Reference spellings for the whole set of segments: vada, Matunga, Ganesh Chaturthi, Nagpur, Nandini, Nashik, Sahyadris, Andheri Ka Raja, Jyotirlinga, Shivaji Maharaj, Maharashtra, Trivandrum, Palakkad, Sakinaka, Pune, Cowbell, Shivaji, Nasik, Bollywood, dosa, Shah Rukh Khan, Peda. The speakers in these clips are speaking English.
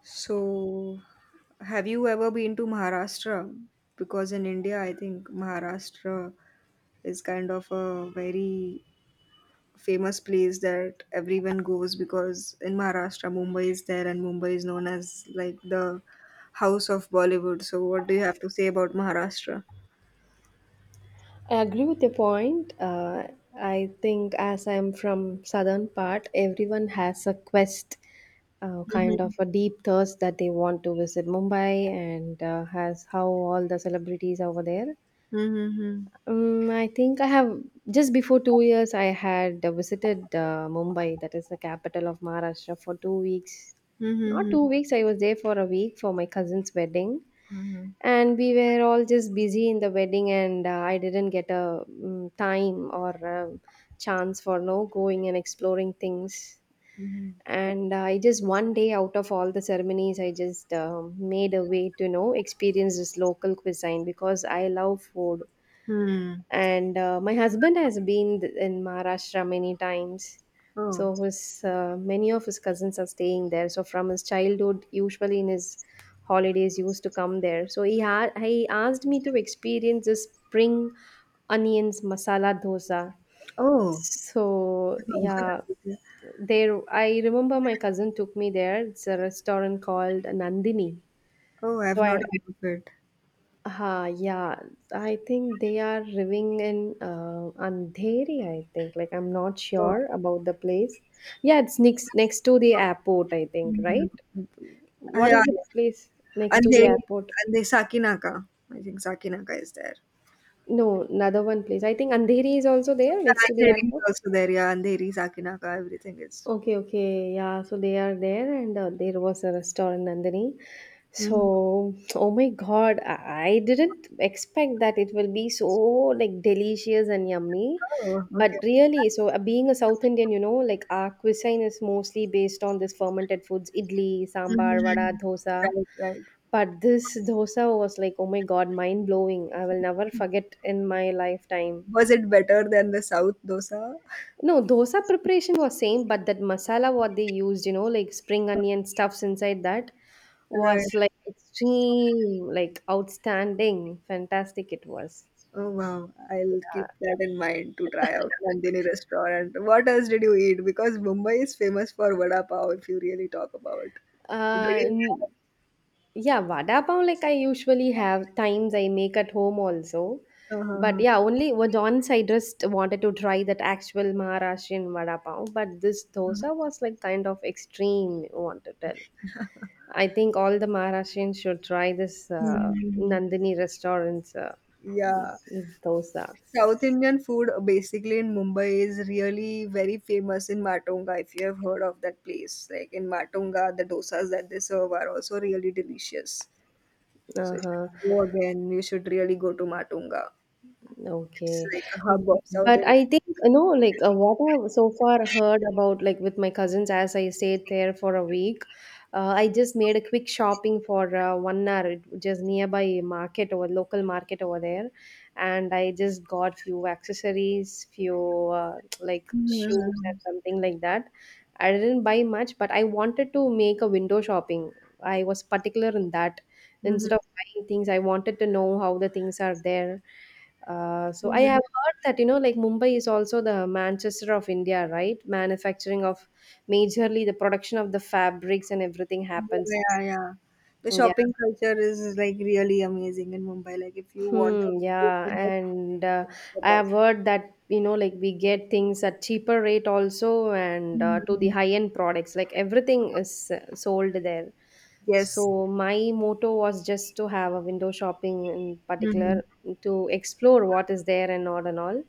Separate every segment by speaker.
Speaker 1: So, have you ever been to Maharashtra? Because in India, I think Maharashtra is kind of a very famous place that everyone goes because in Maharashtra, Mumbai is there and Mumbai is known as like the house of Bollywood. So, what do you have to say about Maharashtra?
Speaker 2: I agree with your point. I think as I'm from southern part, everyone has a quest, kind
Speaker 1: Mm-hmm.
Speaker 2: of a deep thirst that they want to visit Mumbai and has how all the celebrities over there.
Speaker 1: Mm-hmm.
Speaker 2: I think I have just before 2 years I had visited Mumbai, that is the capital of Maharashtra, for 2 weeks. Not two
Speaker 1: Mm-hmm.
Speaker 2: weeks. I was there for a week for my cousin's wedding,
Speaker 1: Mhm,
Speaker 2: and we were all just busy in the wedding and I didn't get a time or chance for no going and exploring things.
Speaker 1: mhm.
Speaker 2: And I just one day out of all the ceremonies I just made a way to experience this local cuisine because I love food.
Speaker 1: Hmm.
Speaker 2: And my husband has been in Maharashtra many times, so
Speaker 1: Oh.
Speaker 2: his many of his cousins are staying there, so from his childhood usually in his holidays he used to come there, so he he asked me to experience this spring onions masala dosa.
Speaker 1: Oh.
Speaker 2: So yeah, there I remember my cousin took me there. It's a restaurant called Nandini.
Speaker 1: Oh,
Speaker 2: So
Speaker 1: I've
Speaker 2: I.
Speaker 1: not heard of it.
Speaker 2: Ha, yeah. I think they are living in Andheri, I think. Like, I'm not sure about the place. Yeah, it's next to the airport, I think,
Speaker 1: Mhm.
Speaker 2: right?
Speaker 1: Ah,
Speaker 2: What
Speaker 1: yeah,
Speaker 2: is the
Speaker 1: yeah.
Speaker 2: place next
Speaker 1: And
Speaker 2: to the
Speaker 1: they
Speaker 2: airport?
Speaker 1: and they Sakinaka. I think Sakinaka is there.
Speaker 2: No, another one place. I think Andheri is also there next
Speaker 1: Yeah,
Speaker 2: to the
Speaker 1: Andheri is
Speaker 2: airport.
Speaker 1: also there. Yeah, Andheri, Sakinaka, everything is.
Speaker 2: Okay, okay. Yeah, so they are there, and there was a restaurant, Nandini.
Speaker 1: Mhm.
Speaker 2: So, oh my God, I didn't expect that it will be so like delicious and yummy.
Speaker 1: Oh,
Speaker 2: But
Speaker 1: okay.
Speaker 2: really, so being a South Indian, you know, like our cuisine is mostly based on this fermented foods, idli, sambar, vada,
Speaker 1: Mhm.
Speaker 2: dosa.
Speaker 1: Right, right.
Speaker 2: But this dosa was like, oh my God, mind blowing. I will never forget in my lifetime.
Speaker 1: Was it better than the South dosa?
Speaker 2: No, dosa preparation was same, but that masala what they used, you know, like spring onion stuffs inside that
Speaker 1: Right.
Speaker 2: was like extreme, like outstanding, fantastic it was.
Speaker 1: Oh, wow. I'll keep that in mind to try out Nandini restaurant. What else did you eat? Because Mumbai is famous for vada pav, if you really talk about. Did
Speaker 2: Uh,
Speaker 1: you-
Speaker 2: n- yeah, vada pav like I usually have times I make at home also, but
Speaker 1: Uh-huh.
Speaker 2: yeah, only was once I just wanted to try that actual Maharashtrian vada pav, but this dosa was like kind of extreme. You want to tell? I think all the Maharashtrians should try this
Speaker 1: Mhm.
Speaker 2: Nandini restaurants.
Speaker 1: Yeah.
Speaker 2: Those
Speaker 1: South Indian food basically in Mumbai is really very famous in Matunga if you have heard of that place. Like in Matunga, the dosas that they serve are also really delicious. So if
Speaker 2: uh-huh.
Speaker 1: you go again, you should really go to Matunga. It's
Speaker 2: Okay.
Speaker 1: like a hub
Speaker 2: Mm,
Speaker 1: of South
Speaker 2: but
Speaker 1: Indian.
Speaker 2: I think, you know, like what I've so far heard about, like with my cousins, as I stayed there for a week, I just made a quick shopping for 1 hour, just nearby market or local market over there. And I just got few accessories, few like shoes and
Speaker 1: Mhm.
Speaker 2: something like that. I didn't buy much, but I wanted to make a window shopping. I was particular in that.
Speaker 1: Mhm.
Speaker 2: Instead of buying things, I wanted to know how the things are there. So I
Speaker 1: Mhm.
Speaker 2: have heard that, you know, like Mumbai is also the Manchester of India, right? Manufacturing of majorly the production of the fabrics and everything happens.
Speaker 1: Yeah, yeah. The
Speaker 2: Yeah.
Speaker 1: shopping culture is like really amazing in Mumbai. Like if you want to
Speaker 2: Hmm,
Speaker 1: go with
Speaker 2: yeah,
Speaker 1: the shopping,
Speaker 2: and
Speaker 1: it's the
Speaker 2: I have
Speaker 1: best.
Speaker 2: heard that, you know, like we get things at cheaper rate also, and to the
Speaker 1: Mhm.
Speaker 2: high end products, like everything is sold there.
Speaker 1: Yes.
Speaker 2: So my motto was just to have a window shopping in
Speaker 1: Hmm.
Speaker 2: particular to explore what is there and all and all.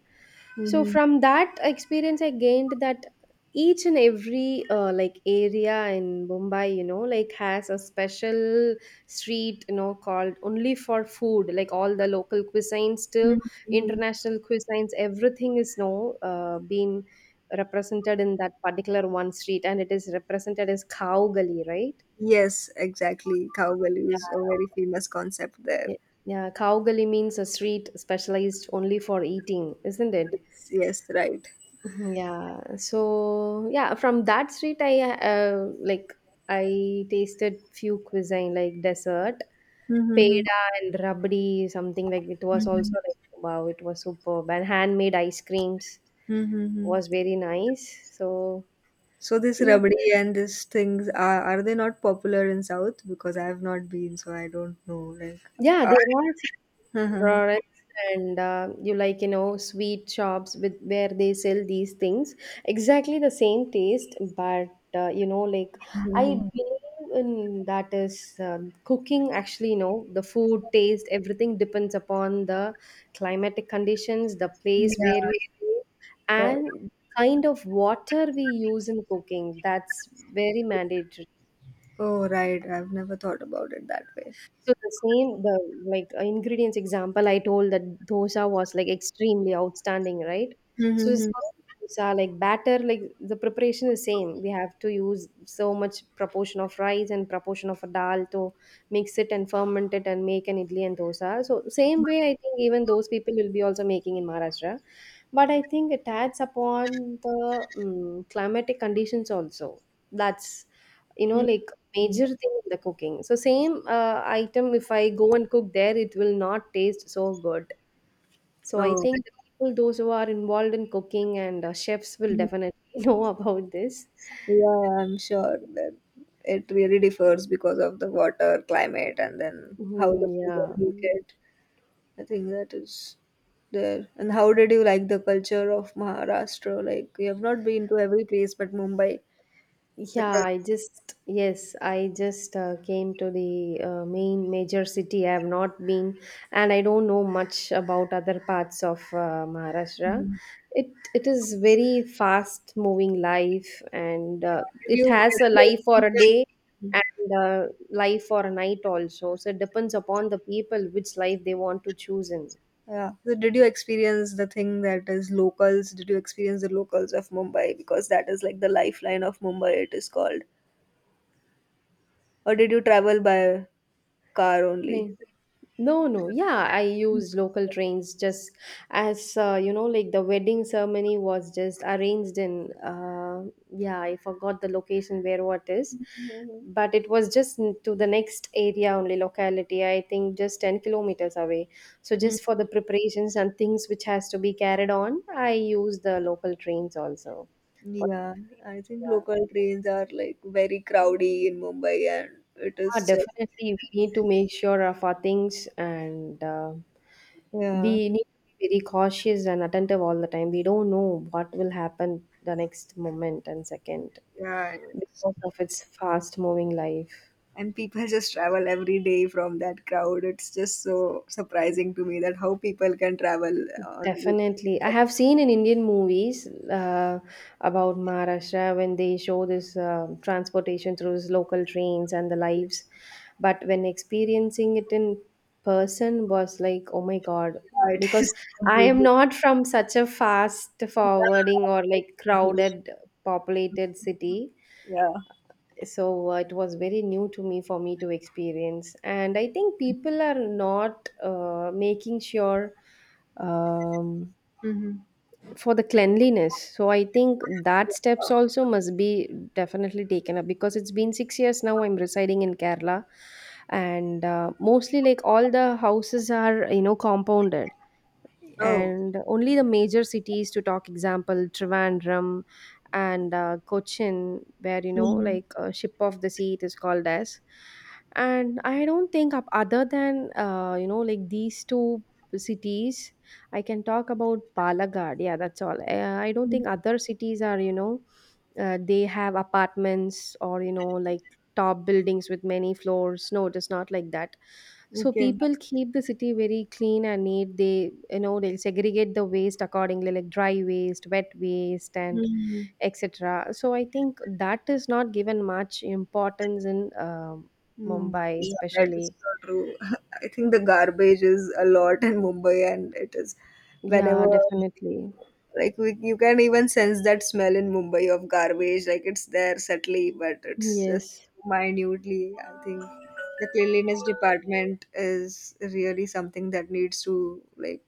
Speaker 2: So
Speaker 1: Hmm.
Speaker 2: from that experience, I gained that each and every like area in Mumbai, you know, like has a special street, you know, called only for food, like all the local cuisines to
Speaker 1: Hmm.
Speaker 2: international cuisines everything is no being represented in that particular one street, and it is represented as cow gully, right?
Speaker 1: Yes, exactly. Cowbell is a very famous concept there.
Speaker 2: Ye- yeah, cow gully means a street specialized only for eating, isn't it?
Speaker 1: Yes, yes, right.
Speaker 2: Yeah, so yeah, from that street I like I tasted few cuisine like dessert,
Speaker 1: Mm-hmm.
Speaker 2: peda and rabdi, something like it was also
Speaker 1: Mm-hmm.
Speaker 2: like wow, it was superb. And handmade ice creams
Speaker 1: Hmm.
Speaker 2: was very nice. So
Speaker 1: So this
Speaker 2: yeah,
Speaker 1: rabdi and these things are they not popular in South? Because I have not been, so I don't know. Like,
Speaker 2: yeah,
Speaker 1: uh,
Speaker 2: there are products, and you like you know sweet shops with where they sell these things exactly the same taste, but you know, like I
Speaker 1: Mhm.
Speaker 2: believe in that is cooking actually, you know, the food taste everything depends upon the climatic conditions, the
Speaker 1: Yeah,
Speaker 2: place where we stay
Speaker 1: right.
Speaker 2: and kind of water we use in cooking. That's very mandatory.
Speaker 1: Oh, right. I've never thought about it that way.
Speaker 2: So the same, the like ingredients example I told that dosa was like extremely outstanding, right? So the same dosa, like batter, like the preparation is same. We have to use so much proportion of rice and proportion of a dal to mix it and ferment it and make an idli and dosa. So same way, I think even those people will be also making in Maharashtra. But I think it adds upon the climatic conditions also. That's, you know, like
Speaker 1: Mm-hmm.
Speaker 2: major thing in the cooking. So same item if I go and cook there, it will not taste so good. So I
Speaker 1: Oh.
Speaker 2: think the people those who are involved in cooking and chefs will definitely know about this.
Speaker 1: Yeah, I'm sure that it really differs because of the water, climate, and then how the
Speaker 2: Mhm,
Speaker 1: people
Speaker 2: yeah.
Speaker 1: look at. I think that is there. And how did you like the culture of Maharashtra? Like, you have not been to every place, but Mumbai, the
Speaker 2: Yeah,
Speaker 1: culture.
Speaker 2: I just, yes, I just came to the main major city. I have not been, and I don't know much about other parts of Maharashtra. It it is very fast moving life, and
Speaker 1: Did
Speaker 2: it
Speaker 1: you get
Speaker 2: has a life
Speaker 1: to
Speaker 2: for a day
Speaker 1: experience-
Speaker 2: and life for a night also. So it depends upon the people which life they want to choose
Speaker 1: Yeah. So did you experience the thing that is locals? Did you experience the locals of Mumbai? Because that is like the lifeline of Mumbai, it is called. Or did you travel by car only?
Speaker 2: in. No, no. Yeah, I use local trains just as you know, like the wedding ceremony was just arranged in yeah, I forgot the location where what is, but it was just to the next area only locality. I think just 10 kilometers away. So
Speaker 1: Mhm.
Speaker 2: just for the preparations and things which has to be carried on, I use the local trains also. But
Speaker 1: Yeah, I think
Speaker 2: yeah,
Speaker 1: local trains are like very crowdy in Mumbai, and it
Speaker 2: ah,
Speaker 1: is just
Speaker 2: definitely we need to make sure of our things and we
Speaker 1: yeah,
Speaker 2: need to be very cautious and attentive all the time. We don't know what will happen the next moment and second
Speaker 1: yeah, and it's-
Speaker 2: because of its fast moving life.
Speaker 1: and people just travel every day from that crowd. It's just so surprising to me that how people can travel on this.
Speaker 2: Definitely. I
Speaker 1: But
Speaker 2: have seen in Indian movies about Maharashtra when they show this transportation through these local trains and the lives. But when experiencing it in person was like, oh my God,
Speaker 1: yeah, it
Speaker 2: because
Speaker 1: is
Speaker 2: I am
Speaker 1: completely
Speaker 2: not from such a fast
Speaker 1: yeah,
Speaker 2: forwarding or like
Speaker 1: exactly.
Speaker 2: crowded populated city.
Speaker 1: Yeah.
Speaker 2: So it was very new to me for me to experience. And I think people are not making sure um,
Speaker 1: Mm-hmm.
Speaker 2: for the cleanliness. So I think that steps also must be definitely taken up because it's been 6 years now I'm residing in Kerala, and mostly like all the houses are, you know, compounded,
Speaker 1: Oh.
Speaker 2: and only the major cities to talk example Trivandrum and Cochin, where, you know,
Speaker 1: Mhm.
Speaker 2: like ship of the sea it is called as. And I don't think up other than you know like these two cities, I can talk about Palakkad, yeah that's all. I don't think other cities are, you know, they have apartments or you know like top buildings with many floors. No, it is not like that. So
Speaker 1: Okay.
Speaker 2: people keep the city very clean and neat. They, you know, they'll segregate the waste accordingly, like dry waste, wet waste and etc. So I think that is not given much importance in
Speaker 1: Mm,
Speaker 2: Mumbai
Speaker 1: yeah, that is
Speaker 2: especially.
Speaker 1: so true. I think the garbage is a lot in Mumbai, and it is
Speaker 2: Yeah,
Speaker 1: whenever
Speaker 2: definitely.
Speaker 1: like we, you can even sense that smell in Mumbai of garbage. Like it's there subtly, but it's just
Speaker 2: Yes.
Speaker 1: minutely. I think the cleanliness department is really something that needs to like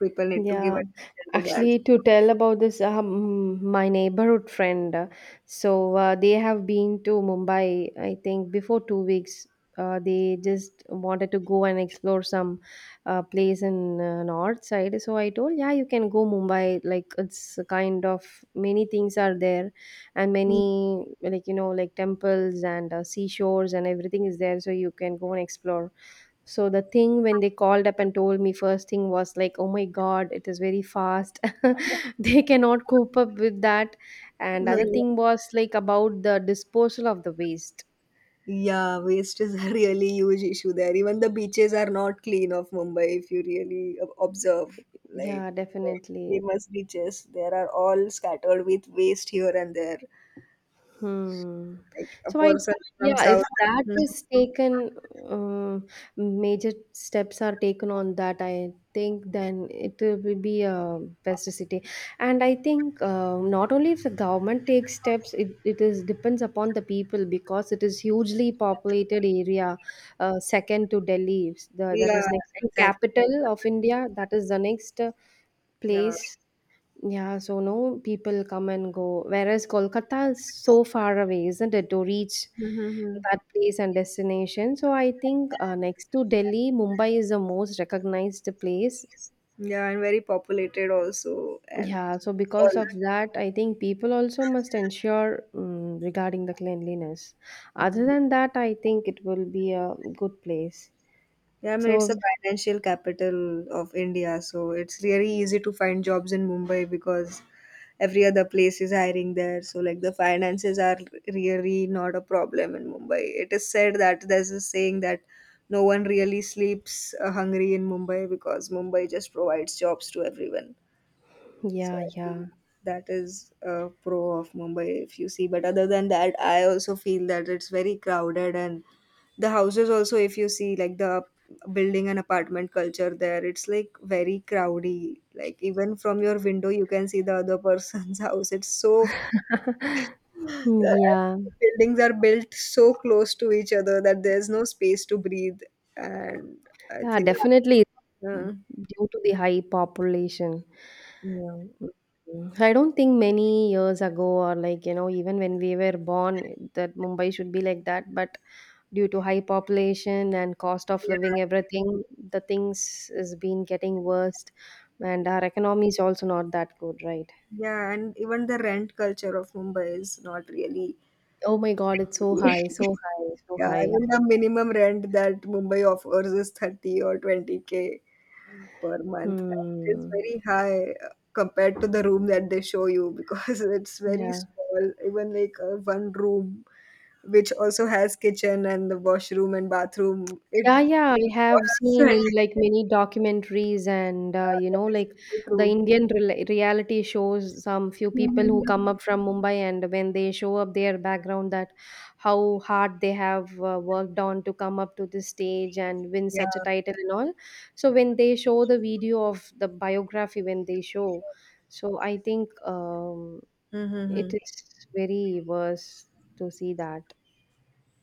Speaker 1: people need to give
Speaker 2: Yeah,
Speaker 1: attention to that.
Speaker 2: actually, to tell about this, my neighborhood friend, they have been to Mumbai, I think, before 2 weeks. They just wanted to go and explore some place in north side. So I told, yeah, you can go Mumbai. Like it's a kind of many things are there, and many like you know like temples and seashores and everything is there. So you can go and explore. So the thing when they called up and told me first thing was like, oh my god, it is very fast. They cannot cope up with that. And other
Speaker 1: Mhm.
Speaker 2: thing was like about the disposal of the waste.
Speaker 1: Yeah, waste is a really huge issue there. Even the beaches are not clean of Mumbai if you really observe. Like
Speaker 2: Yeah,
Speaker 1: the
Speaker 2: definitely.
Speaker 1: famous beaches, there are all scattered with waste here and there.
Speaker 2: Hmm.
Speaker 1: Like a
Speaker 2: So I,
Speaker 1: person from
Speaker 2: yeah, if
Speaker 1: South.
Speaker 2: that
Speaker 1: Mhm.
Speaker 2: is taken, um, major steps are taken on that, I think then it will be a best city. And I think not only if the government takes steps, it is depends upon the people because it is hugely populated area, second to Delhi. The, that
Speaker 1: Yeah,
Speaker 2: is next to
Speaker 1: exactly.
Speaker 2: capital of India. That is the next
Speaker 1: Yeah.
Speaker 2: place. Yeah, so no people come and go. Whereas Kolkata is so far away, isn't it, to reach
Speaker 1: Mhm, mhm.
Speaker 2: that place and destination. So I think next to Delhi, Mumbai is the most recognized place.
Speaker 1: Yeah, and very populated also and
Speaker 2: Yeah, so because
Speaker 1: all.
Speaker 2: of that, I think people also must ensure regarding the cleanliness. Other
Speaker 1: Mm.
Speaker 2: than that, I think it will be a good place.
Speaker 1: Yeah, I mean, it's a
Speaker 2: So,
Speaker 1: financial capital of India, so it's really easy to find jobs in Mumbai because every other place is hiring there. So, like, the finances are really not a problem in Mumbai. It is said that there's a saying that no one really sleeps hungry in Mumbai because Mumbai just provides jobs to everyone. So
Speaker 2: yeah,
Speaker 1: I
Speaker 2: yeah,
Speaker 1: think that is a pro of Mumbai if you see. But other than that, I also feel that it's very crowded and the houses also if you see like the building and apartment culture there, it's like very crowdy. Like even from your window you can see the other person's house. It's so
Speaker 2: Hmm,
Speaker 1: the
Speaker 2: yeah,
Speaker 1: buildings are built so close to each other that there's no space to breathe and I
Speaker 2: yeah,
Speaker 1: think
Speaker 2: Definitely
Speaker 1: uh,
Speaker 2: due to the high population.
Speaker 1: yeah.
Speaker 2: I don't think many years ago, or like, even when we were born, that Mumbai should be like that. But due to high population and cost of living, everything, the things is been getting worse. And our economy is also not that good, right?
Speaker 1: Yeah, and even the rent culture of Mumbai is not really.
Speaker 2: Oh my God, it's so high, so high, so
Speaker 1: Yeah,
Speaker 2: high.
Speaker 1: even the minimum rent that Mumbai offers is 30 or 20K per month. That is
Speaker 2: Hmm.
Speaker 1: very high compared to the room that they show you because it's very
Speaker 2: Yeah.
Speaker 1: small, even like one room, which also has kitchen and the washroom and bathroom. It
Speaker 2: Yeah, yeah, I have
Speaker 1: costs
Speaker 2: seen
Speaker 1: 20
Speaker 2: in like many documentaries and uh,
Speaker 1: Yeah,
Speaker 2: you
Speaker 1: that
Speaker 2: know
Speaker 1: is
Speaker 2: like
Speaker 1: really
Speaker 2: the
Speaker 1: true.
Speaker 2: Indian rela reality shows some few people who
Speaker 1: Mhm.
Speaker 2: come up from Mumbai, and when they show up their background, that how hard they have worked on to come up to this stage and win
Speaker 1: Yeah.
Speaker 2: such a title and all. So when they show the video of the biography, when they show, so I think
Speaker 1: Mm-hmm.
Speaker 2: it is very worse to see that.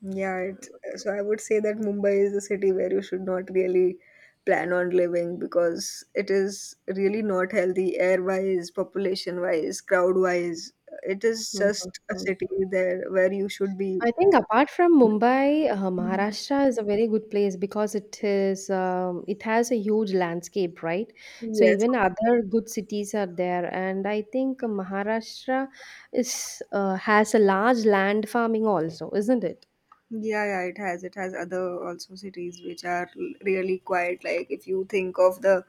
Speaker 1: Yeah, it, so I would say that Mumbai is a city where you should not really plan on living because it is really not healthy air-wise, population-wise, crowd-wise. It is just a
Speaker 2: Mhm.
Speaker 1: city there where you should be.
Speaker 2: I think apart from Mumbai, Maharashtra is a very good place because it has a huge landscape, right? So
Speaker 1: Yes.
Speaker 2: even other good cities are there, and I think Maharashtra is has a large land farming also, isn't it?
Speaker 1: Yeah, yeah, it has. It has other also cities which are really quiet. Like if you think of the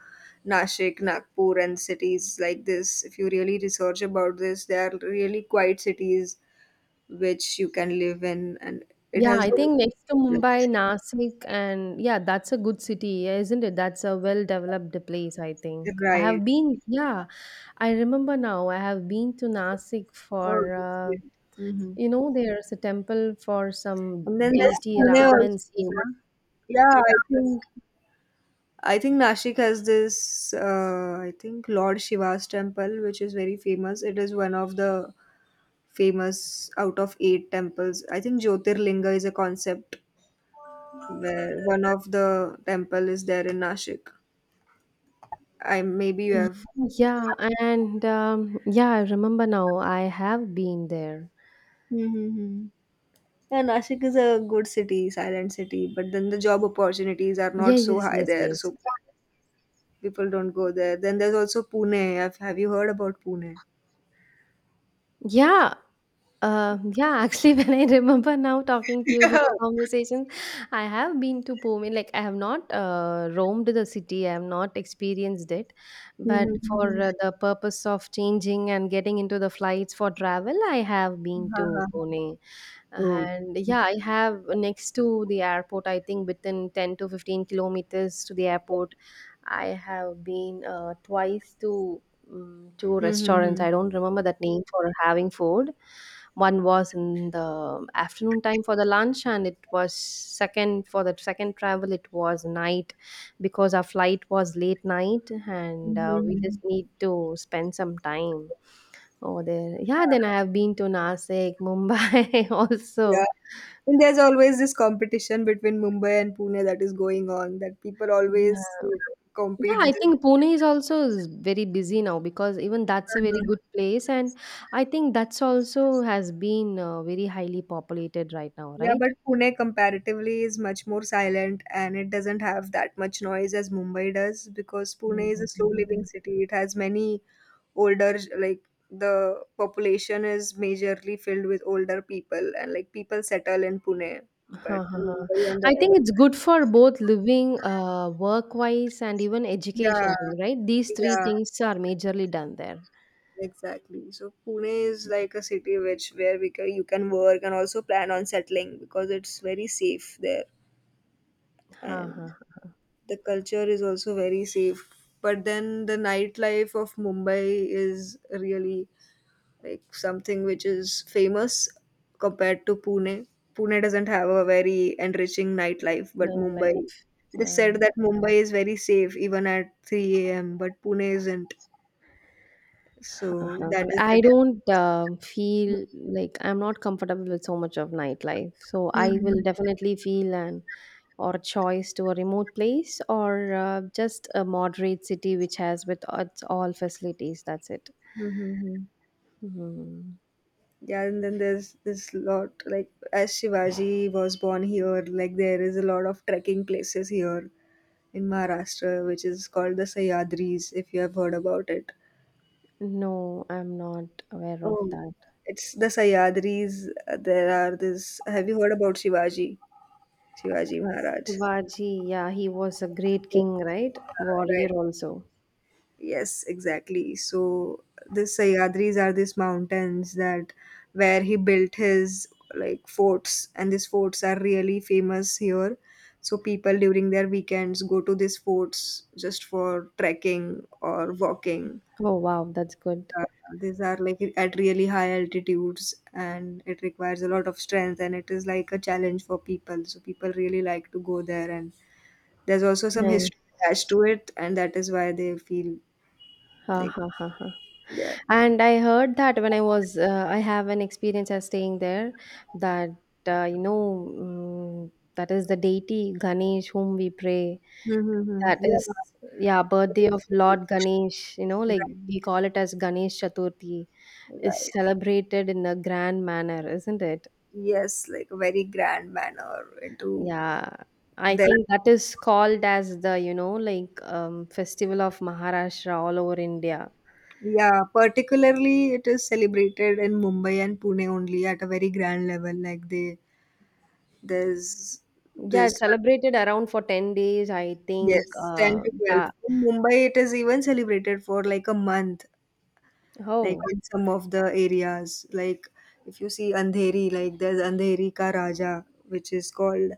Speaker 1: Nashik, Nagpur, and cities like this, if you really research about this, they are really quiet cities which you can live in, and it
Speaker 2: Yeah,
Speaker 1: has
Speaker 2: I think next to Mumbai, Nasik, and yeah, that's a good city, isn't it? That's a well-developed place, I think. I have
Speaker 1: right.
Speaker 2: been, yeah, I remember now. I have been to Nasik for
Speaker 1: Oh, that's great. Hmm.
Speaker 2: You know, there's a temple for some
Speaker 1: And then there's
Speaker 2: deity
Speaker 1: Pune
Speaker 2: Ram and
Speaker 1: also.
Speaker 2: Sita.
Speaker 1: Yeah, I think Nashik has this. I think Lord Shiva's temple, which is very famous. It is one of the famous out of eight temples. I think Jyotirlinga is a concept where one of the temple is there in Nashik. I maybe you
Speaker 2: Y-
Speaker 1: have.
Speaker 2: Yeah, and yeah, I remember now. I have been there.
Speaker 1: Mm-hmm. Yeah, Nashik is a good city, silent city, but then the job opportunities are
Speaker 2: Yeah,
Speaker 1: not so
Speaker 2: yes,
Speaker 1: high
Speaker 2: yes,
Speaker 1: there,
Speaker 2: yes.
Speaker 1: so people don't go there. Then there's also Pune. Have you heard about Pune?
Speaker 2: Yeah, yeah. Actually, when I remember now talking to you this conversation, I have been to Pune. Like, I have not roamed the city. I have not experienced it, but for
Speaker 1: Mm-hmm.
Speaker 2: the purpose of changing and getting into the flights for travel, I have been to Pune.
Speaker 1: Oh.
Speaker 2: And yeah, I have next to the airport, I think within 10 to 15 kilometers to the airport, I have been twice to two restaurants.
Speaker 1: Mm-hmm.
Speaker 2: I don't remember that name for having food. One was in the afternoon time for the lunch, and it was second, for the second travel, it was night because our flight was late night, and we just
Speaker 1: Hmm.
Speaker 2: need to spend some time over there. Yeah, then I have been to Nasik, Mumbai
Speaker 1: Yeah.
Speaker 2: also.
Speaker 1: And there's always this competition between Mumbai and Pune that is going on, that people always
Speaker 2: Yeah. Yeah,
Speaker 1: compete.
Speaker 2: I think Pune is also is very busy now because even that's a very good place, and I think that's also has been very highly populated right now,
Speaker 1: Yeah,
Speaker 2: right?
Speaker 1: but Pune comparatively is much more silent and it doesn't have that much noise as Mumbai does because Pune is a slow living
Speaker 2: Mhm.
Speaker 1: city. It has many older, like the population is majorly filled with older people and like people settle in Pune. But
Speaker 2: Huh, huh, huh.
Speaker 1: Mumbai on
Speaker 2: I
Speaker 1: the other,
Speaker 2: think it's good for both living, work-wise and even
Speaker 1: yeah,
Speaker 2: education thing, right? These three
Speaker 1: yeah,
Speaker 2: things are majorly done there.
Speaker 1: exactly. So Pune is like a city which where we can, you can work and also plan on settling because it's very safe there
Speaker 2: Huh, huh,
Speaker 1: and
Speaker 2: huh.
Speaker 1: the culture is also very safe but then the nightlife of Mumbai is really like something which is famous compared to Pune. Pune doesn't have a very enriching nightlife but
Speaker 2: Nice
Speaker 1: Mumbai,
Speaker 2: life.
Speaker 1: it is
Speaker 2: Yeah.
Speaker 1: said that Mumbai is very safe even at 3 a.m. but Pune isn't, so
Speaker 2: Uh-huh.
Speaker 1: that is
Speaker 2: I
Speaker 1: the
Speaker 2: don't feel like I'm not comfortable with so much of nightlife. So I will
Speaker 1: Mhm.
Speaker 2: definitely feel an or a choice to a remote place or just a moderate city which has with its all facilities. That's it.
Speaker 1: Mhm.
Speaker 2: Mhm.
Speaker 1: Yeah, and then there's this lot like as Shivaji was born here, like there is a lot of trekking places here in Maharashtra, which is called the Sahyadris, if you have heard about it.
Speaker 2: No, I'm not aware of
Speaker 1: Oh,
Speaker 2: that.
Speaker 1: it's the Sahyadris. There are this. Have you heard about Shivaji? Shivaji Maharaj.
Speaker 2: Shivaji, yeah, he was a great
Speaker 1: Yeah,
Speaker 2: king, right? Warrior
Speaker 1: right.
Speaker 2: also.
Speaker 1: Yes, exactly. So the Sahyadris are these mountains that where he built his like forts, and these forts are really famous here. So people during their weekends go to these forts just for trekking or walking
Speaker 2: Oh wow, that's good.
Speaker 1: uh, these are like at really high altitudes and it requires a lot of strength and it is like a challenge for people so people really like to go there and there's also some
Speaker 2: Nice.
Speaker 1: history attached to it and that is why they feel
Speaker 2: Ha
Speaker 1: like
Speaker 2: ha ha ha.
Speaker 1: they're.
Speaker 2: And I heard that I have an experience as staying there that, uh, you know, mm that is the deity Ganesh whom we pray.
Speaker 1: Mm-hmm.
Speaker 2: That
Speaker 1: Yeah.
Speaker 2: is, yeah, birthday of Lord Ganesh, like
Speaker 1: Right.
Speaker 2: we call it as Ganesh Chaturthi, is
Speaker 1: Right.
Speaker 2: celebrated in a grand manner, isn't it?
Speaker 1: Yes, like a very grand manner into
Speaker 2: Yeah. I
Speaker 1: their.
Speaker 2: think that is called as the, like, festival of Maharashtra all over India.
Speaker 1: Yeah, particularly it is celebrated in Mumbai and Pune only at a very grand level. Like they, there's
Speaker 2: Yeah, it's
Speaker 1: this.
Speaker 2: celebrated around for 10 days, I think.
Speaker 1: Yes, 10 to 12.
Speaker 2: Yeah.
Speaker 1: In Mumbai, it is even celebrated for like a month, like
Speaker 2: Oh,
Speaker 1: in some of the areas. Like if you see Andheri, like there's Andheri Ka Raja, which is called,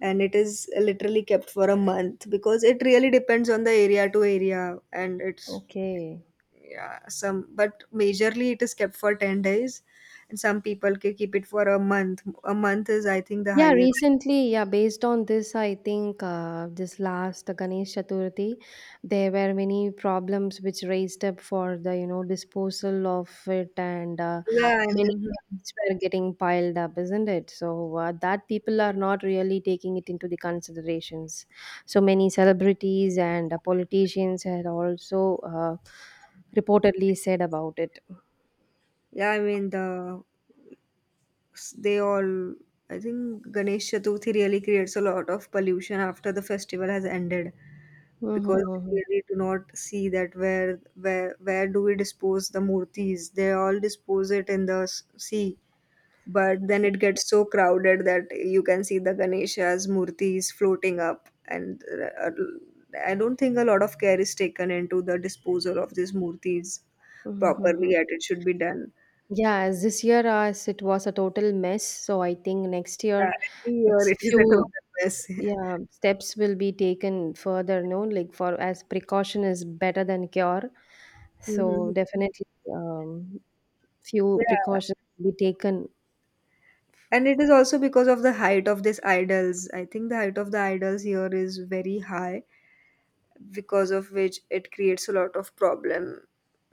Speaker 1: and it is literally kept for a month because it really depends on the area to area. And it's,
Speaker 2: okay.
Speaker 1: yeah, some, but majorly it is kept for 10 days, and some people can keep it for a month. A month is, I think, the
Speaker 2: Yeah,
Speaker 1: highest.
Speaker 2: recently, yeah, based on this, I think this last Ganesh Chaturthi, there were many problems which raised up for the, disposal of it, and
Speaker 1: Yeah, I
Speaker 2: many
Speaker 1: mean,
Speaker 2: things were getting piled up, isn't it? So that people are not really taking it into the considerations. So many celebrities and politicians had also reportedly said about it.
Speaker 1: yeah, I mean, the they all I think Ganesh Chaturthi really creates a lot of pollution after the festival has ended
Speaker 2: Mm-hmm.
Speaker 1: because they
Speaker 2: Mm-hmm.
Speaker 1: really do not see that where where do we dispose the murtis. They all dispose it in the sea, but then it gets so crowded that you can see the Ganesha's murtis floating up and uh, I don't think a lot of care is taken into the disposal of these murtis
Speaker 2: Mm-hmm, mm-hmm.
Speaker 1: properly as it should be done.
Speaker 2: Yeah, as this year as it was a total mess, so I think next year
Speaker 1: Every year
Speaker 2: it's a
Speaker 1: it is a total
Speaker 2: few
Speaker 1: mess.
Speaker 2: yeah steps will be taken further, no, like for as precaution is better than cure. So
Speaker 1: Mhm.
Speaker 2: definitely um few
Speaker 1: Yeah,
Speaker 2: precautions will be taken.
Speaker 1: and it is also because of the height of these idols. I think the height of the idols here is very high, because of which it creates a lot of problem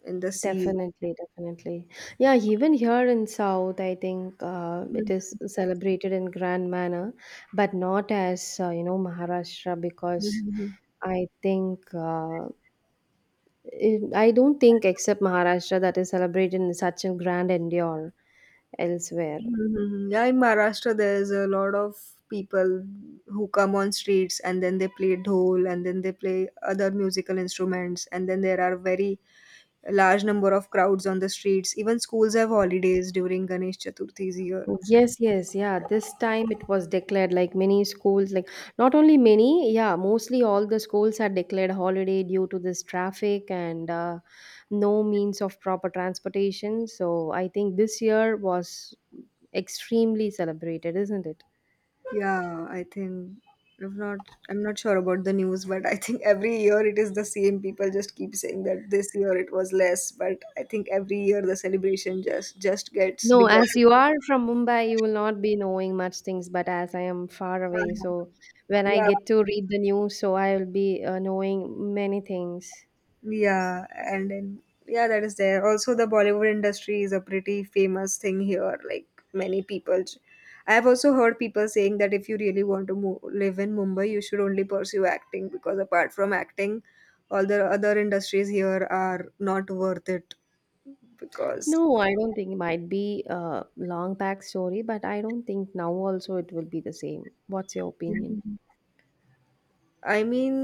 Speaker 1: in the sea.
Speaker 2: Definitely, definitely. Yeah, even here in South, I think it
Speaker 1: Mhm,
Speaker 2: is celebrated in grand manner, but not as Maharashtra because
Speaker 1: mhm,
Speaker 2: I think. I don't think, except Maharashtra, that is celebrated in such a grand endeavor elsewhere.
Speaker 1: mhm, mhm. Yeah, in Maharashtra, there's a lot of people who come on streets and then they play dhol and then they play other musical instruments, and then there are very large number of crowds on the streets. Even schools have holidays during Ganesh Chaturthi's year.
Speaker 2: Yes, yes, yeah. This time it was declared like many schools, like not only many, yeah, mostly all the schools are declared holiday due to this traffic and no means of proper transportation. So I think this year was extremely celebrated, isn't it?
Speaker 1: Yeah, I think I'm not I'm not sure about the news, but I think every year it is the same. People just keep saying that this year it was less, but I think every year the celebration just gets
Speaker 2: No,
Speaker 1: bigger.
Speaker 2: as you are from Mumbai, you will not be knowing much things. But as I am far away,
Speaker 1: Uh-huh.
Speaker 2: so when I
Speaker 1: Yeah,
Speaker 2: get to read the news, so I will be knowing many things.
Speaker 1: yeah, and then yeah, that is there. Also, the Bollywood industry is a pretty famous thing here. Like many people, I have also heard people saying that if you really want to move, live in Mumbai, you should only pursue acting because apart from acting, all the other industries here are not worth it because
Speaker 2: No, I don't think it might be a long back story, but I don't think now also it will be the same. What's your opinion?
Speaker 1: I mean,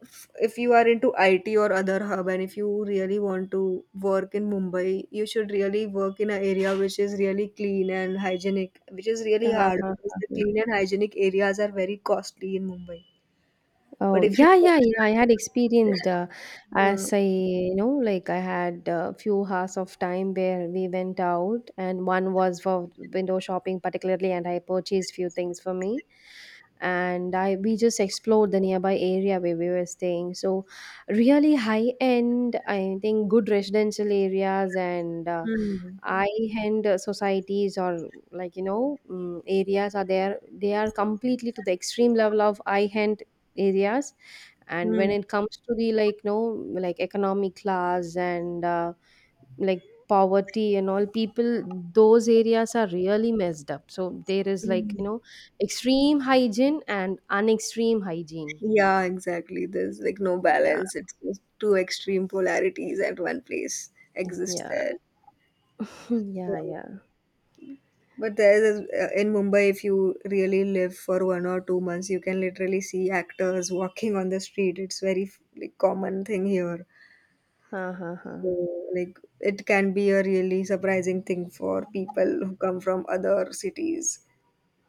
Speaker 1: if you are into IT or other hub, and if you really want to work in Mumbai, you should really work in an area which is really clean and hygienic, which is really hard
Speaker 2: Uh-huh.
Speaker 1: because the clean and hygienic areas are very costly in Mumbai. But
Speaker 2: Oh
Speaker 1: if you
Speaker 2: yeah, yeah, yeah. I had experienced.
Speaker 1: yeah.
Speaker 2: As I like I had a few hours of time where we went out, and one was for window shopping particularly, and I purchased few things for me, and I we just explored the nearby area where we were staying. So really high end, I think good residential areas and
Speaker 1: Hmm.
Speaker 2: high end societies or like areas are there. They are completely to the extreme level of high end areas, and when
Speaker 1: Hmm.
Speaker 2: it comes to the like no like economic class and like poverty and all people, those areas are really messed up. So there is like
Speaker 1: Hmm.
Speaker 2: extreme hygiene and unextreme hygiene.
Speaker 1: Yeah, exactly. There's like no balance.
Speaker 2: Yeah,
Speaker 1: It's just two extreme polarities at one place exist
Speaker 2: yeah. Yeah,
Speaker 1: there.
Speaker 2: yeah.
Speaker 1: But there is in Mumbai, if you really live for 1 or 2 months, you can literally see actors walking on the street. It's very like, common thing here.
Speaker 2: Uh-huh.
Speaker 1: So, like it can be a really surprising thing for people who come from other cities.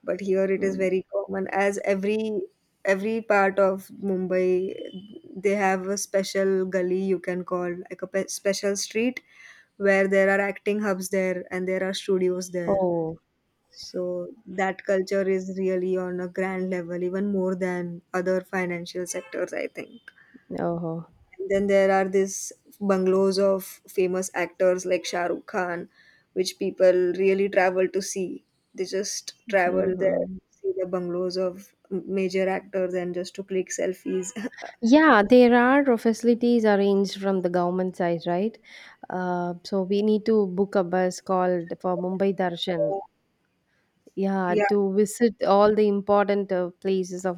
Speaker 1: But here it is
Speaker 2: Hmm.
Speaker 1: very common, as every part of Mumbai, they have a special gully you can call like a special street where there are acting hubs there and there are studios there
Speaker 2: Oh.
Speaker 1: so that culture is really on a grand level, even more than other financial sectors, I think.
Speaker 2: Oh.
Speaker 1: And then there are these bungalows of famous actors like Shah Rukh Khan, which people really travel to see. They just travel there,
Speaker 2: Hmm.
Speaker 1: see the bungalows of major actors, and just to click selfies.
Speaker 2: Yeah, there are facilities arranged from the government side, right? So we need to book a bus called for Mumbai Darshan, yeah,
Speaker 1: yeah,
Speaker 2: to visit all the important places of